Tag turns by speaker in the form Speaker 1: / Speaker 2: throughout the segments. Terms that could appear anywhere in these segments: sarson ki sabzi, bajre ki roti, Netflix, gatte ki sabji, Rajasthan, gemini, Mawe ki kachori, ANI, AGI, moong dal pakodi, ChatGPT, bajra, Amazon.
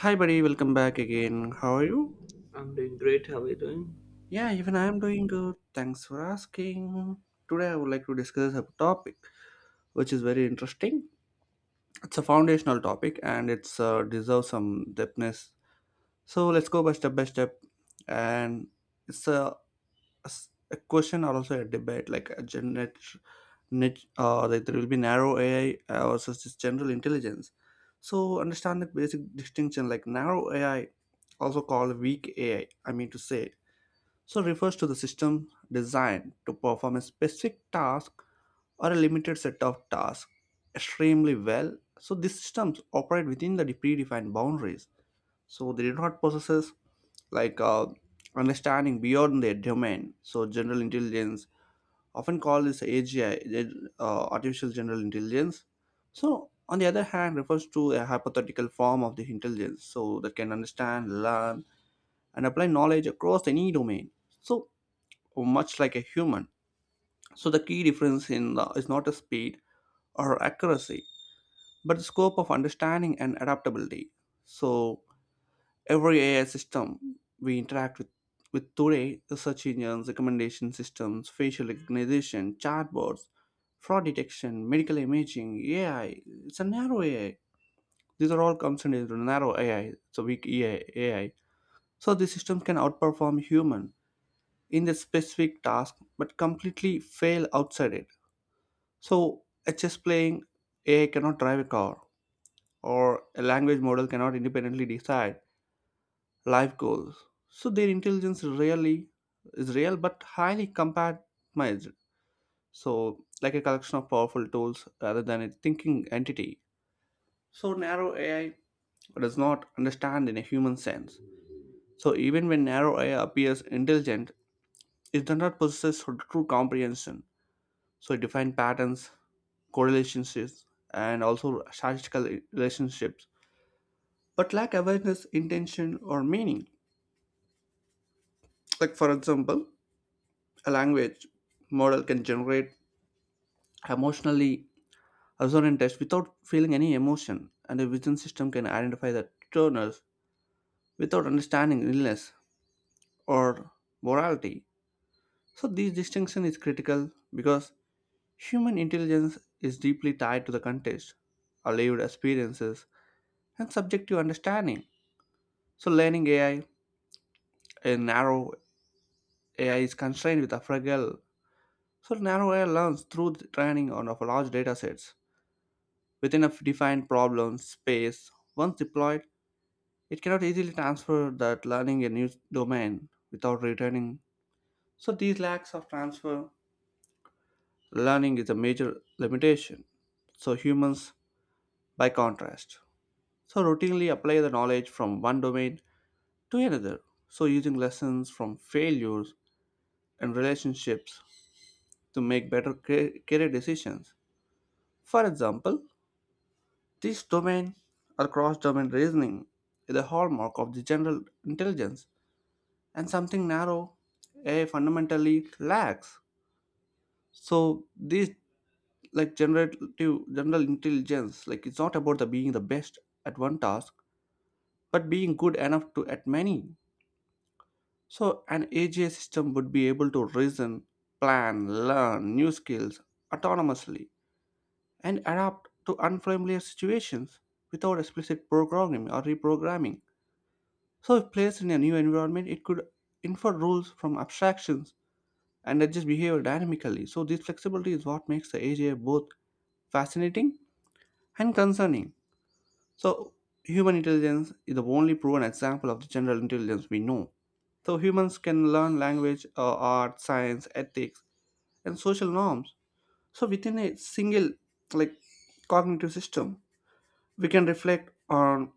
Speaker 1: Hi, buddy. Welcome back again. How are you?
Speaker 2: I'm doing great. How are you doing?
Speaker 1: Yeah, even I am doing good. Thanks for asking. Today, I would like to discuss a topic which is very interesting. It's a foundational topic and it's deserves some depthness. So let's go by step by step. And it's a, a question or also a debate, like a genet niche, like there will be narrow AI versus just general intelligence. So understand the basic distinction, like narrow AI, also called weak AI. I mean to say So refers to the system designed to perform a specific task or a limited set of tasks extremely well. So these systems operate within the predefined boundaries. So they do not possess like uh, understanding beyond their domain. So general intelligence, often called this AGI, artificial general intelligence. So on the other hand, refers to a hypothetical form of the intelligence, so that can understand, learn, and apply knowledge across any domain. So much like a human. So the key difference in is not a speed or accuracy, but the scope of understanding and adaptability. So every AI system we interact with today, the search engines, recommendation systems, facial recognition, chatbots, fraud detection, medical imaging, AI, it's a narrow AI. These are all comes into narrow AI, so weak AI. AI. So these systems can outperform human in the specific task, but completely fail outside it. So a chess playing AI cannot drive a car, or a language model cannot independently decide life goals. So their intelligence really is real but highly compartmentalized. So, like a collection of powerful tools rather than a thinking entity. So narrow AI does not understand in a human sense. So even when narrow AI appears intelligent, it does not possess true comprehension. So it defines patterns, correlationships, and also statistical relationships but lack awareness, intention, or meaning. Like, for example, a language model can generate emotionally resonant text without feeling any emotion, and a vision system can identify the toners without understanding illness or morality. So this distinction is critical because human intelligence is deeply tied to the context, our lived experiences, and subjective understanding. So, learning AI, a narrow AI is constrained with a fragile. So narrowware learns through the training on of large data sets within a defined problem space. Once deployed, it cannot easily transfer that learning a new domain without returning. So these lacks of transfer learning is a major limitation. So humans, by contrast, so routinely apply the knowledge from one domain to another. So using lessons from failures and relationships to make better career decisions. For example, this domain or cross domain reasoning is a hallmark of the general intelligence and something narrow AI fundamentally lacks. So this like generative general intelligence, like it's not about the being the best at one task but being good enough to at many. So an AGI system would be able to reason, plan, learn new skills autonomously and adapt to unfamiliar situations without explicit programming or reprogramming. So if placed in a new environment, it could infer rules from abstractions and adjust behavior dynamically. So this flexibility is what makes the AGI both fascinating and concerning. So human intelligence is the only proven example of the general intelligence we know. So humans can learn language, art, science, ethics, and social norms. So within a single like cognitive system, we can reflect on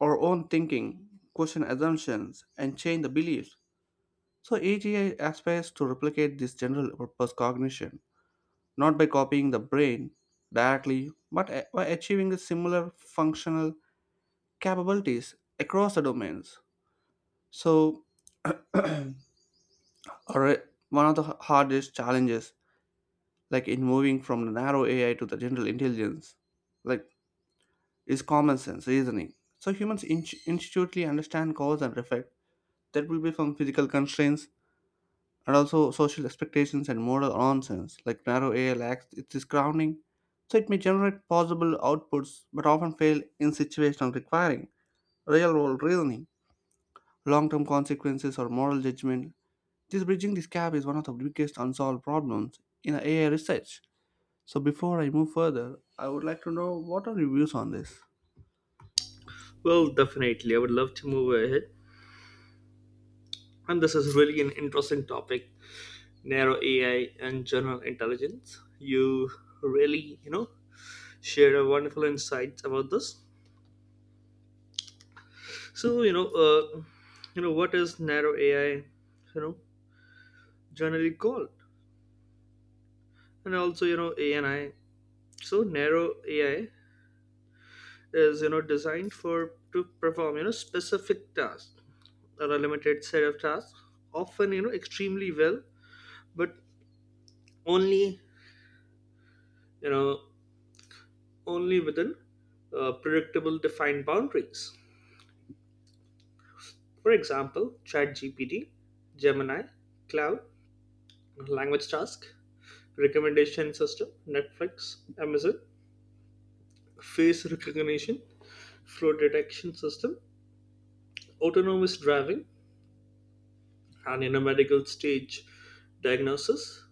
Speaker 1: our own thinking, question assumptions, and change the beliefs. So AGI aspires to replicate this general purpose cognition, not by copying the brain directly, but by achieving similar functional capabilities across the domains. So alre- One of the hardest challenges, like in moving from the narrow AI to the general intelligence, like is common sense reasoning. So humans intuitively understand cause and effect. There will be some physical constraints and also social expectations and moral nonsense like narrow AI lacks its grounding, so it may generate possible outputs but often fail in situations requiring real world reasoning, long term consequences, or moral judgment. This bridging this gap is one of the biggest unsolved problems in AI research. So before I move further, I would like to know what are your views on this?
Speaker 2: Well, definitely, I would love to move ahead. And this is really an interesting topic, narrow AI and general intelligence. You really, shared a wonderful insights about this. So, what is narrow AI, you know, generally called? And also, ANI. So, narrow AI is, designed for to perform, specific tasks or a limited set of tasks, often, extremely well, but only you know only within predictable defined boundaries. For example, ChatGPT, Gemini, Cloud, language task, recommendation system, Netflix, Amazon, face recognition, flow detection system, autonomous driving, and in a medical stage diagnosis,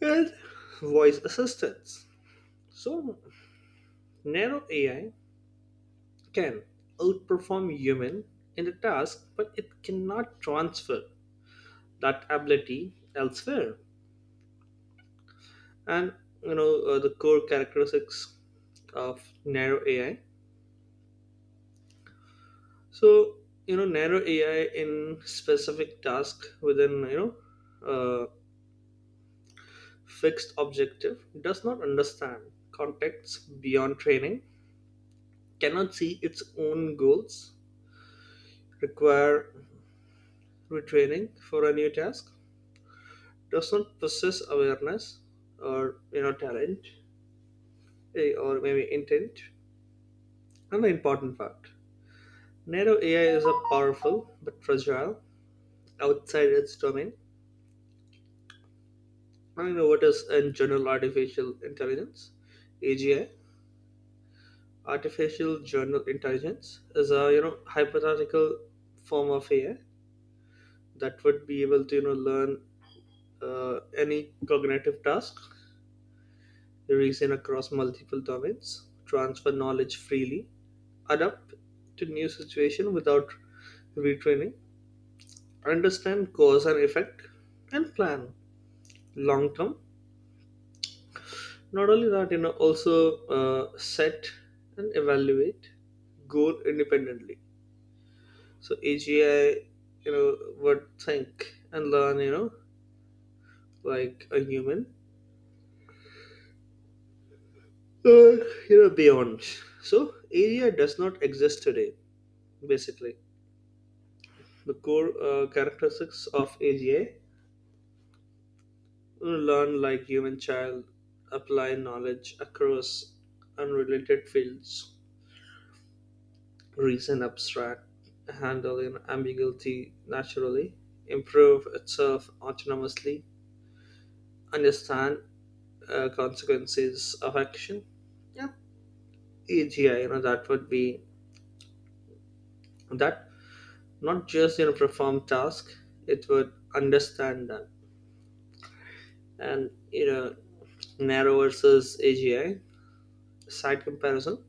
Speaker 2: and voice assistance. So narrow AI can outperform human in the task, but it cannot transfer that ability elsewhere. And the core characteristics of narrow AI. So narrow AI in specific task within uh, fixed objective, does not understand context beyond training, cannot see its own goals, require retraining for a new task, does not possess awareness or talent, or maybe intent. And the important fact, narrow AI is a powerful but fragile outside its domain. I know what is in general artificial intelligence, AGI. Artificial general intelligence is a hypothetical form of AI that would be able to learn uh, any cognitive task, reason across multiple domains, transfer knowledge freely, adapt to new situation without retraining, understand cause and effect, and plan long term. Not only that, also set and evaluate goal independently. So AGI, would think and learn, like a human, uh, beyond. So AGI does not exist today, basically. The core characteristics of AGI: learn like human child, apply knowledge across unrelated fields, reason abstract, handle in ambiguity naturally, improve itself autonomously, understand consequences of action. Yeah, AGI, that would be that not just perform task, it would understand them. And narrow versus AGI side comparison.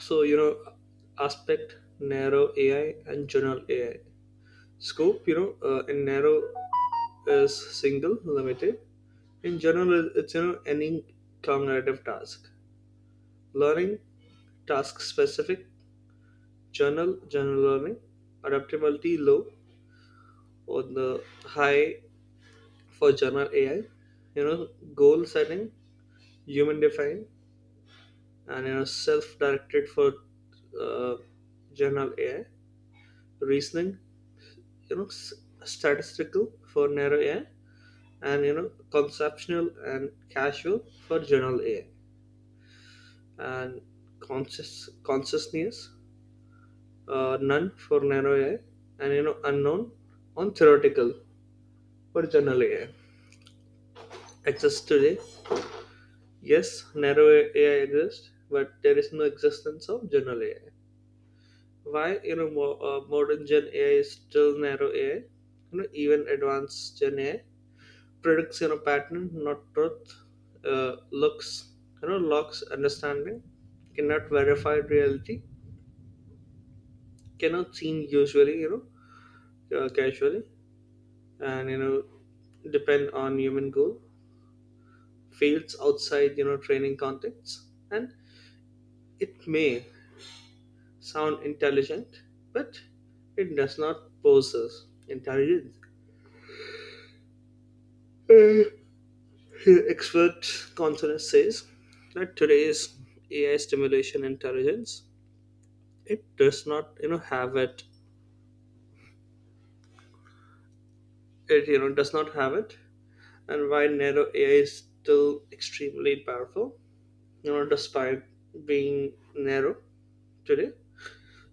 Speaker 2: So aspect narrow AI and general AI. Scope, in narrow is single, limited. In general, it's any cognitive task. Learning task specific, general learning. Adaptability low or the high for general AI. You know, goal setting, human defined, and self directed for uh, general AI. Reasoning you know s- statistical for narrow AI, and conceptual and casual for general AI. And conscious consciousness none for narrow AI, and unknown on theoretical for general AI exists today. Yes, narrow AI exists, but there is no existence of general AI. Why modern gen AI is still narrow AI? Even advanced gen AI predicts pattern, not truth. uh, Looks locks understanding, cannot verify reality, cannot seen usually casually, and depend on human goal, fails outside training contexts. And it may sound intelligent, but it does not possess intelligence. uh, Expert consensus says that today's AI stimulation intelligence, it does not have it. Does not have it. And why narrow AI is still extremely powerful, despite being narrow today.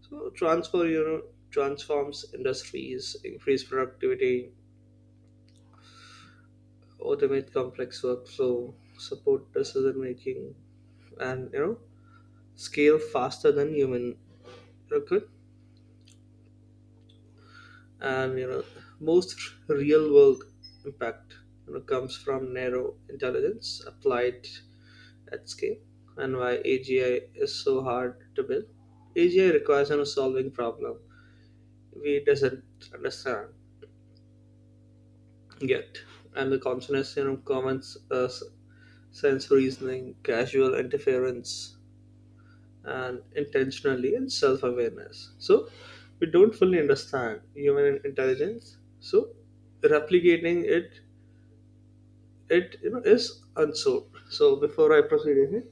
Speaker 2: So transfer you know transforms industries, increase productivity, automate complex workflow, support decision making, and scale faster than human could. And most real world impact, comes from narrow intelligence applied at scale. And why AGI is so hard to build. AGI requires solving problem we doesn't understand yet, and the consonants, comments, sense reasoning, casual interference, and intentionally and self-awareness. So we don't fully understand human intelligence, so replicating it, is unsolved. So before I proceed ahead,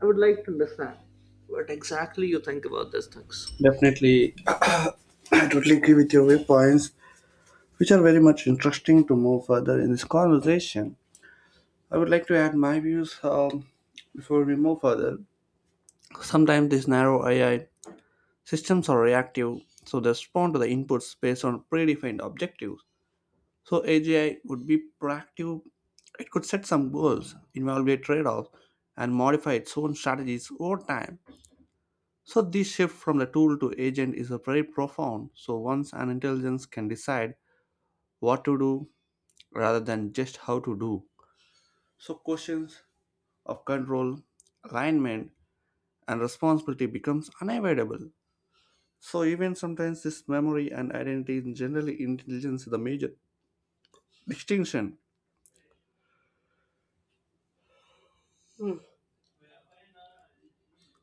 Speaker 2: I would like to understand what exactly you think about these things.
Speaker 1: Definitely, I totally agree with your viewpoints, which are very much interesting to move further in this conversation. I would like to add my views before we move further. Sometimes these narrow AI systems are reactive, so they respond to the inputs based on predefined objectives. So AGI would be proactive. It could set some goals, evaluate trade-offs, and modify its own strategies over time. So this shift from the tool to agent is a very profound. So once an intelligence can decide what to do rather than just how to do. So questions of control, alignment, and responsibility becomes unavoidable. So even sometimes this memory and identity in generally intelligence is the major distinction,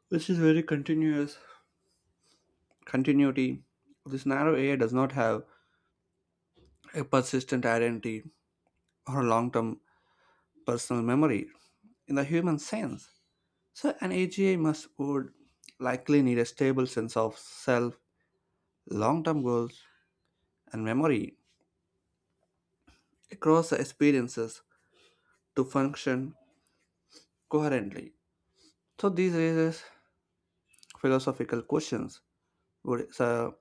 Speaker 1: which is very continuous continuity. This narrow area does not have a persistent identity or long-term personal memory in the human sense. So an AGI must would likely need a stable sense of self, long-term goals, and memory across the experiences to function coherently. So these raises philosophical questions. Would, su-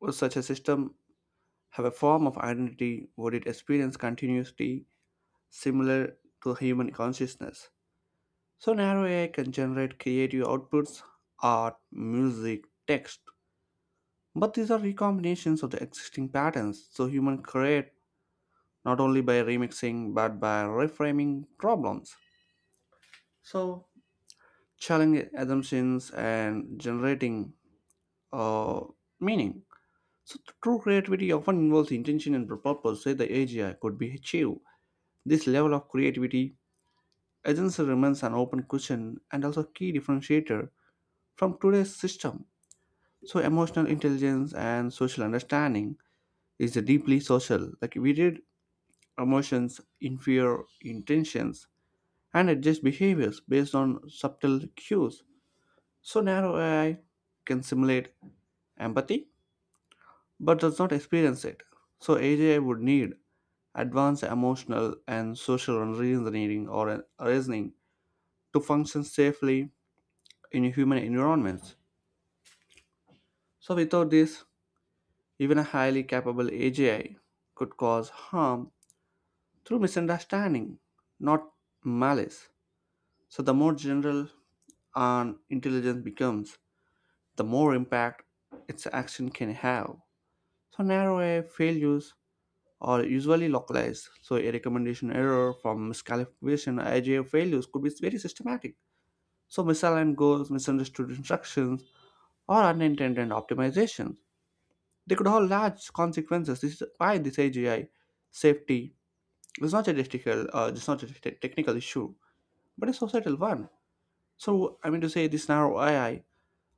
Speaker 1: would such a system have a form of identity? Would it experience continuity similar to human consciousness? So narrow AI can generate creative outputs, art, music, text. But these are recombinations of the existing patterns, so humans create not only by remixing but by reframing problems. So challenging assumptions and generating uh, meaning. So true creativity often involves intention and purpose that the AGI could be achieved. This level of creativity agency remains an open question and also key differentiator from today's system. So emotional intelligence and social understanding is deeply social. Like we read emotions, infer intentions, and adjust behaviors based on subtle cues. So narrow AI can simulate empathy but does not experience it. So AGI would need advanced emotional and social reasoning or reasoning to function safely in human environments. So without this, even a highly capable AGI could cause harm through misunderstanding, not malice. So the more general an intelligence becomes, the more impact its action can have. So narrow AI failures are usually localized. So a recommendation error from miscalculation IGA failures could be very systematic. So misaligned goals, misunderstood instructions, or unintended optimizations. They could have large consequences. This is why this AGI safety is not a technical, it's not a technical issue, but a societal one. So, I mean to say, this narrow AI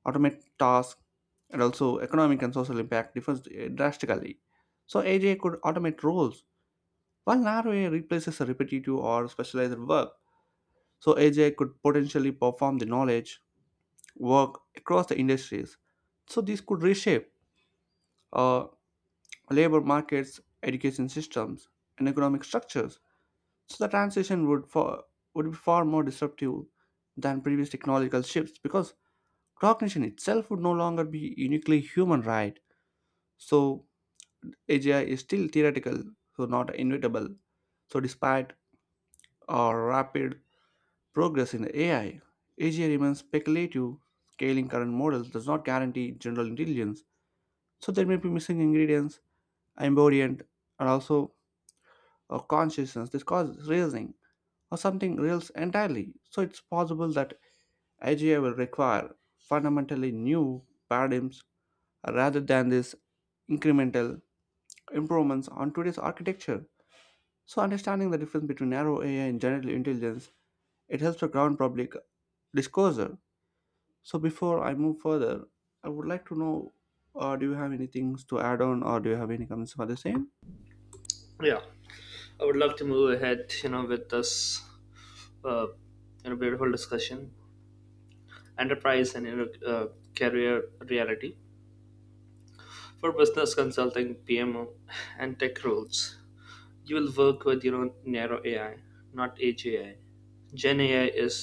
Speaker 1: automate tasks and also economic and social impact differs drastically. So AGI could automate roles, while narrow AI replaces a repetitive or specialized work. So AGI could potentially perform the knowledge work across the industries. So this could reshape uh, labor markets, education systems, and economic structures. So the transition would be far more disruptive than previous technological shifts because cognition itself would no longer be uniquely human, right? So AGI is still theoretical, so not inevitable. So despite our rapid progress in AI, AGI remains speculative. Scaling current models does not guarantee general intelligence. So there may be missing ingredients, embodiment, and also a consciousness. This causes reasoning or something reels entirely. So it's possible that AGI will require fundamentally new paradigms rather than this incremental improvements on today's architecture. So understanding the difference between narrow AI and general intelligence, it helps to ground public disclosure. So before I move further, I would like to know, do you have any things to add on, or do you have any comments for the same?
Speaker 2: Yeah, I would love to move ahead. You know, with this, uh, you know, beautiful discussion, enterprise and career reality for business consulting, PMO, and tech roles. You will work with narrow AI, not AGI. Gen AI is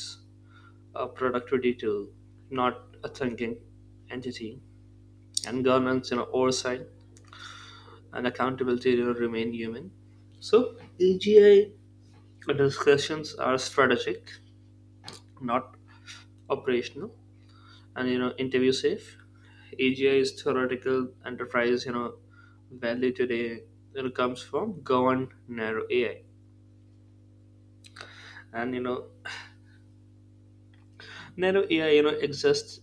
Speaker 2: a productivity tool, not a thinking entity. And governance, oversight and accountability, remain human. So AGI discussions are strategic, not operational, and interview safe. AGI is theoretical enterprise. Value today, comes from governed narrow AI. And narrow AI exists,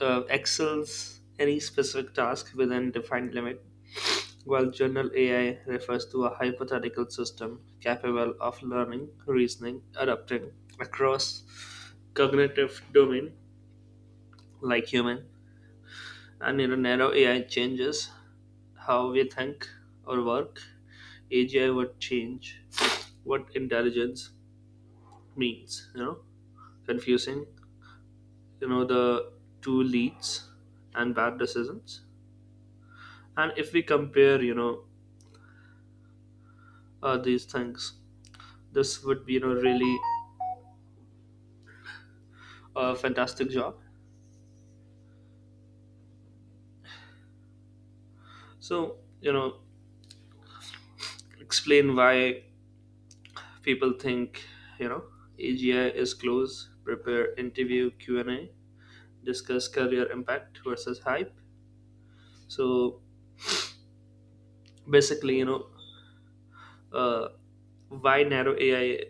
Speaker 2: excels any specific task within defined limit. While general AI refers to a hypothetical system capable of learning, reasoning, adapting across cognitive domain like human. And in a narrow AI changes how we think or work, AGI would change what intelligence means. Confusing, the two leads and bad decisions. And if we compare, these things, this would be, really a fantastic job. So, explain why people think, you know, AGI is close, prepare interview Q&A, discuss career impact versus hype. So basically, uh, why narrow AI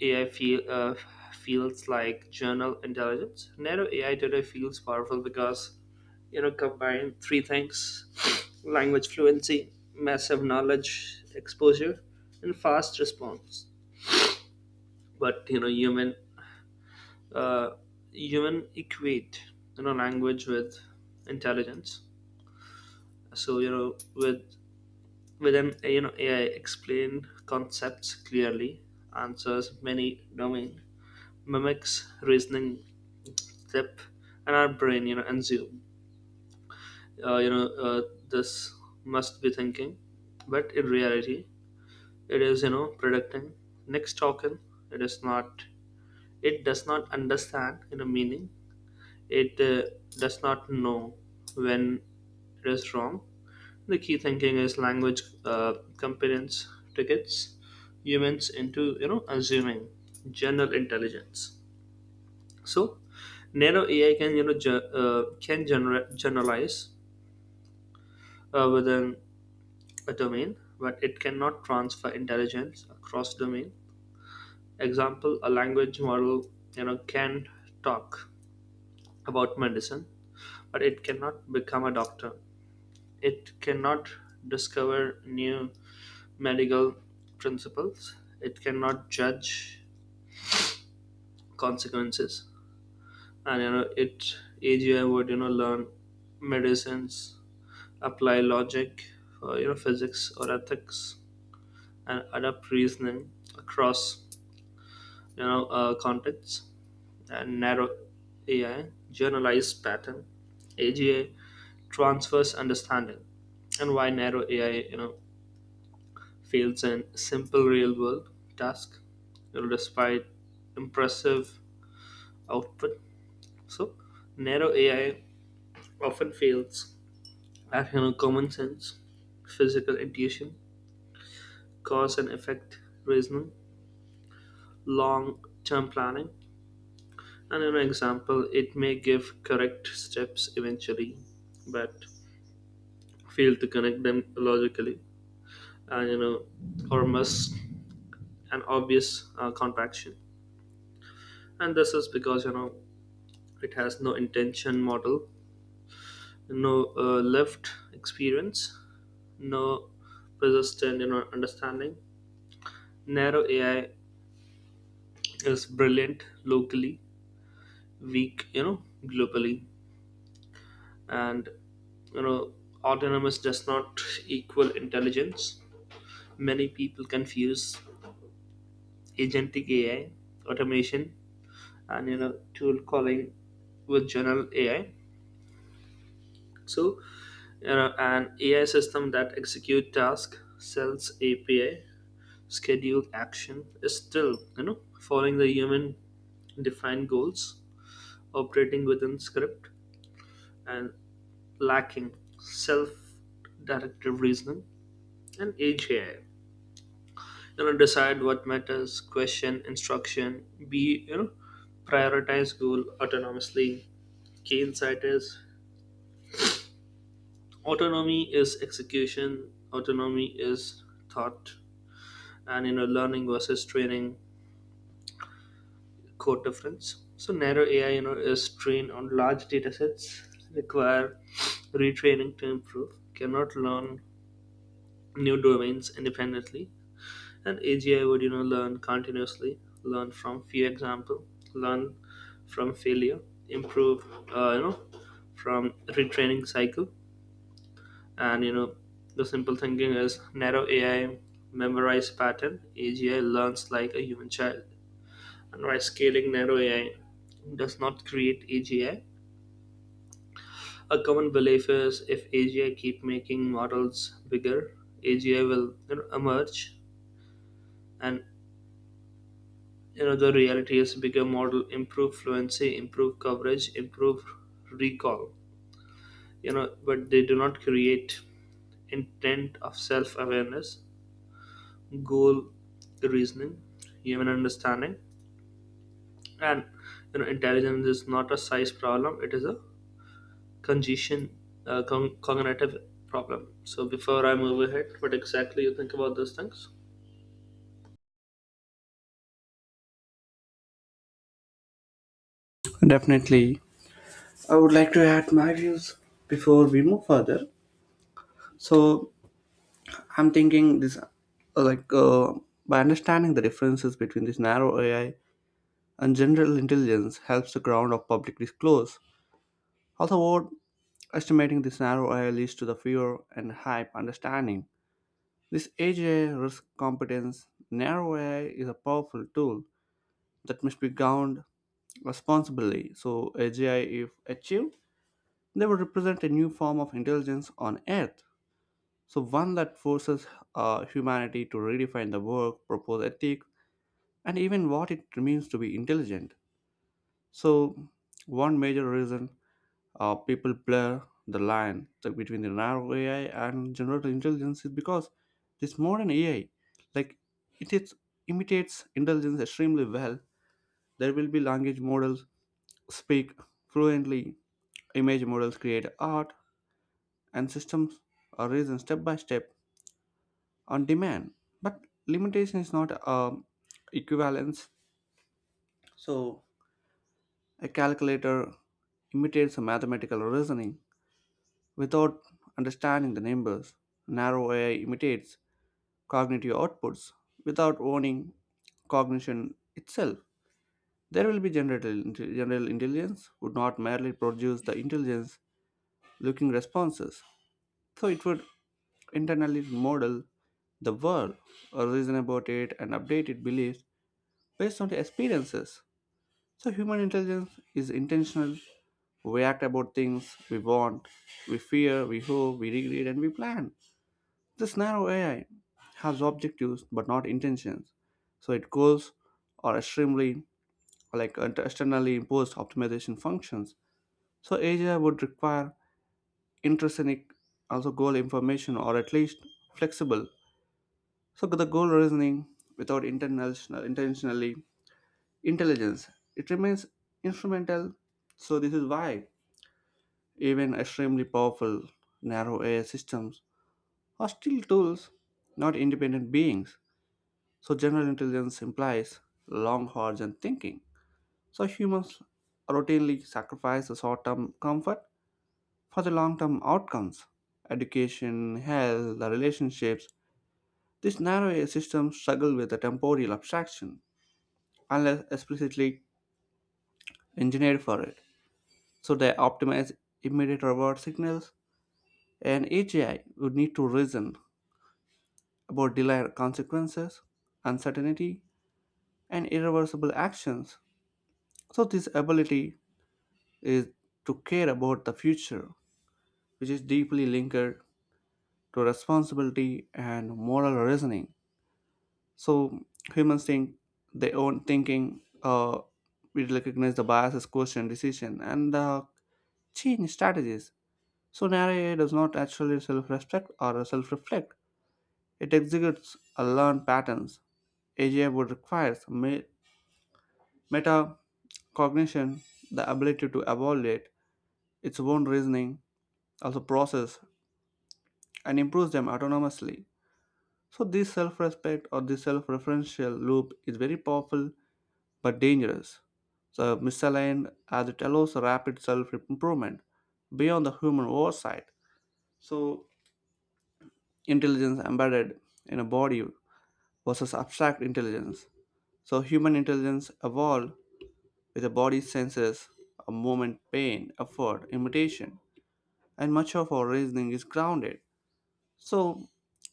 Speaker 2: AI feels like general intelligence. Narrow AI today feels powerful because, combine three things. Language fluency, massive knowledge exposure, and fast response. But, you know, human uh, human equate language with intelligence. So with an AI, explain concepts clearly, answers many domain, mimics reasoning depth, and our brain assume uh, you know uh, this must be thinking. But in reality, it is predicting next token. It is not, it does not understand meaning. It Does not know when it is wrong. The key thinking is language competence tickets humans into assuming general intelligence. So nano AI can generalize within a domain, but it cannot transfer intelligence across domain. Example: a language model can talk about medicine, but it cannot become a doctor. It cannot discover new medical principles. It cannot judge consequences. And you know, it AGI would learn medicines, apply logic, physics or ethics, and adapt reasoning across contexts. And narrow AI generalize pattern. AGI transfers understanding. And why narrow AI fails in simple real world task despite impressive output. So narrow AI often fails at common sense, physical intuition, cause and effect reasoning, long term planning. And in an example, it may give correct steps eventually, but fail to connect them logically, and or miss an obvious contraction. And this is because it has no intention model, no lived experience, no persistent, understanding. Narrow AI is brilliant locally, weak globally. And you know autonomous does not equal intelligence. Many people confuse agentic AI, automation, and tool calling with general AI. So, an AI system that execute task, sells API, scheduled action, is still following the human defined goals, operating within script, and lacking self directive reasoning. And age AI, decide what matters, question instruction, be you know prioritize goal autonomously. Key insight is autonomy is execution, autonomy is thought. And learning versus training, code difference. So narrow AI, is trained on large data sets, require retraining to improve, cannot learn new domains independently. And AGI would, learn continuously, learn from few example, learn from failure, improve, uh, you know, from retraining cycle. And the simple thinking is narrow AI memorize pattern, AGI learns like a human child. And why scaling narrow AI does not create AGI. A common belief is if AGI keep making models bigger, AGI will emerge. And the reality is bigger model improve fluency, improve coverage, improve recall. But they do not create intent of self-awareness, goal reasoning, human understanding. And intelligence is not a size problem. It is a congestion, cognitive problem. So before I move ahead, what exactly you think about those things?
Speaker 1: Definitely. I would like to add my views before we move further. So I'm thinking this, like, uh, by understanding the differences between this narrow AI and general intelligence helps the ground of public discourse. Although estimating this narrow AI leads to the fear and hype understanding. This AGI risk competence, narrow AI is a powerful tool that must be governed responsibly. So AGI, if achieved, they would represent a new form of intelligence on Earth, so one that forces humanity to redefine the work, propose ethics, and even what it means to be intelligent. So one major reason people blur the line, like, between the narrow AI and general intelligence is because this modern AI, like it is, imitates intelligence extremely well. There will be language models speak fluently, image models create art, and systems are risen step by step on demand. But limitation is not equivalence. So a calculator imitates a mathematical reasoning without understanding the numbers. Narrow AI imitates cognitive outputs without owning cognition itself. There will be general intelligence would not merely produce the intelligence looking responses. So it would internally model the world, or reason about it, and update its beliefs based on the experiences. So human intelligence is intentional. We act about things we want, we fear, we hope, we regret, and we plan. This narrow AI has objectives but not intentions. So its goals are extremely like externally imposed optimization functions. So AI would require intrinsic also goal information or at least flexible. So the goal reasoning without international intentionally intelligence it remains instrumental. So this is why even extremely powerful narrow AI systems are still tools, not independent beings. So general intelligence implies long horizon thinking. So humans routinely sacrifice the short-term comfort for the long-term outcomes. Education, health, the relationships. These narrow AI systems struggle with the temporal abstraction, unless explicitly engineered for it. So they optimize immediate reward signals, and each AI would need to reason about delayed consequences, uncertainty, and irreversible actions. So this ability is to care about the future, which is deeply linked to responsibility and moral reasoning. So humans think they own thinking. We recognize the biases, question, decision, and change strategies. So narrow AI does not actually self-respect or self-reflect. It executes a learned patterns. AGI would require metacognition, the ability to evaluate its own reasoning, also process and improves them autonomously. So this self-respect or this self-referential loop is very powerful but dangerous. So misaligned as it allows rapid self-improvement beyond the human oversight. So intelligence embedded in a body versus abstract intelligence. So human intelligence evolved with the body's senses, a movement, pain, effort, imitation, and much of our reasoning is grounded. So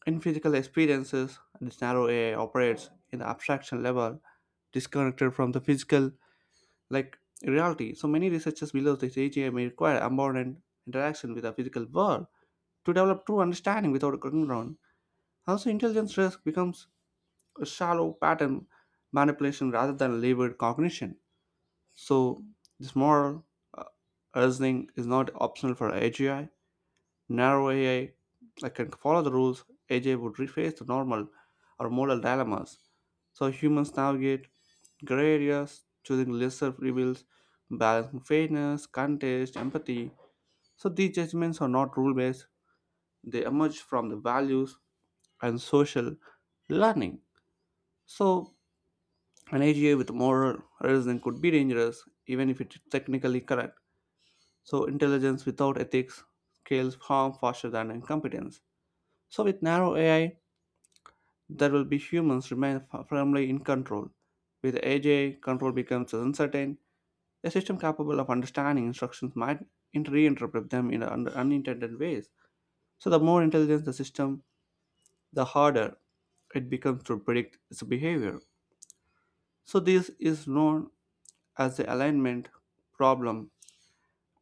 Speaker 1: in physical experiences, this narrow AI operates in the abstraction level, disconnected from the physical like reality. So many researchers believe this AGI may require abundant interaction with the physical world to develop true understanding without a ground. Also intelligence risk becomes a shallow pattern manipulation rather than labored cognition. So this moral uh, reasoning is not optional for AGI. Narrow AI that can follow the rules, AGI would reface the normal or moral dilemmas. So humans navigate gray areas, choosing lesser evils, balancing fairness, contest, empathy. So these judgments are not rule based, they emerge from the values and social learning. So an AGI with moral reason could be dangerous, even if it's technically correct. So intelligence without ethics scales harm faster than incompetence. So with narrow AI, there will be humans remain firmly in control. With AGI, control becomes uncertain. A system capable of understanding instructions might reinterpret them in unintended ways. So the more intelligent the system, the harder it becomes to predict its behavior. So this is known as the alignment problem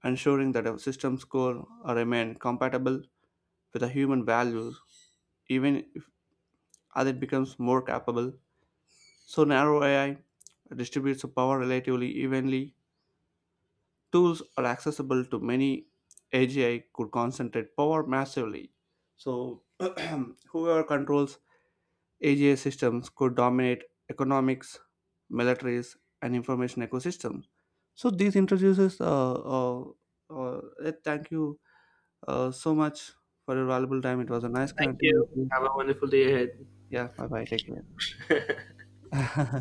Speaker 1: ensuring that a system's core remain compatible with the human values even if, as it becomes more capable. So narrow AI distributes the power relatively evenly. Tools are accessible to many. AGI could concentrate power massively. So whoever controls AGI systems could dominate economics, militaries, and information ecosystems. So this introduces. Thank you so much for your valuable time. It was a nice
Speaker 2: Thank
Speaker 1: connecting
Speaker 2: you.
Speaker 1: with you.
Speaker 2: Have a wonderful day ahead.
Speaker 1: Yeah, bye bye. Take care.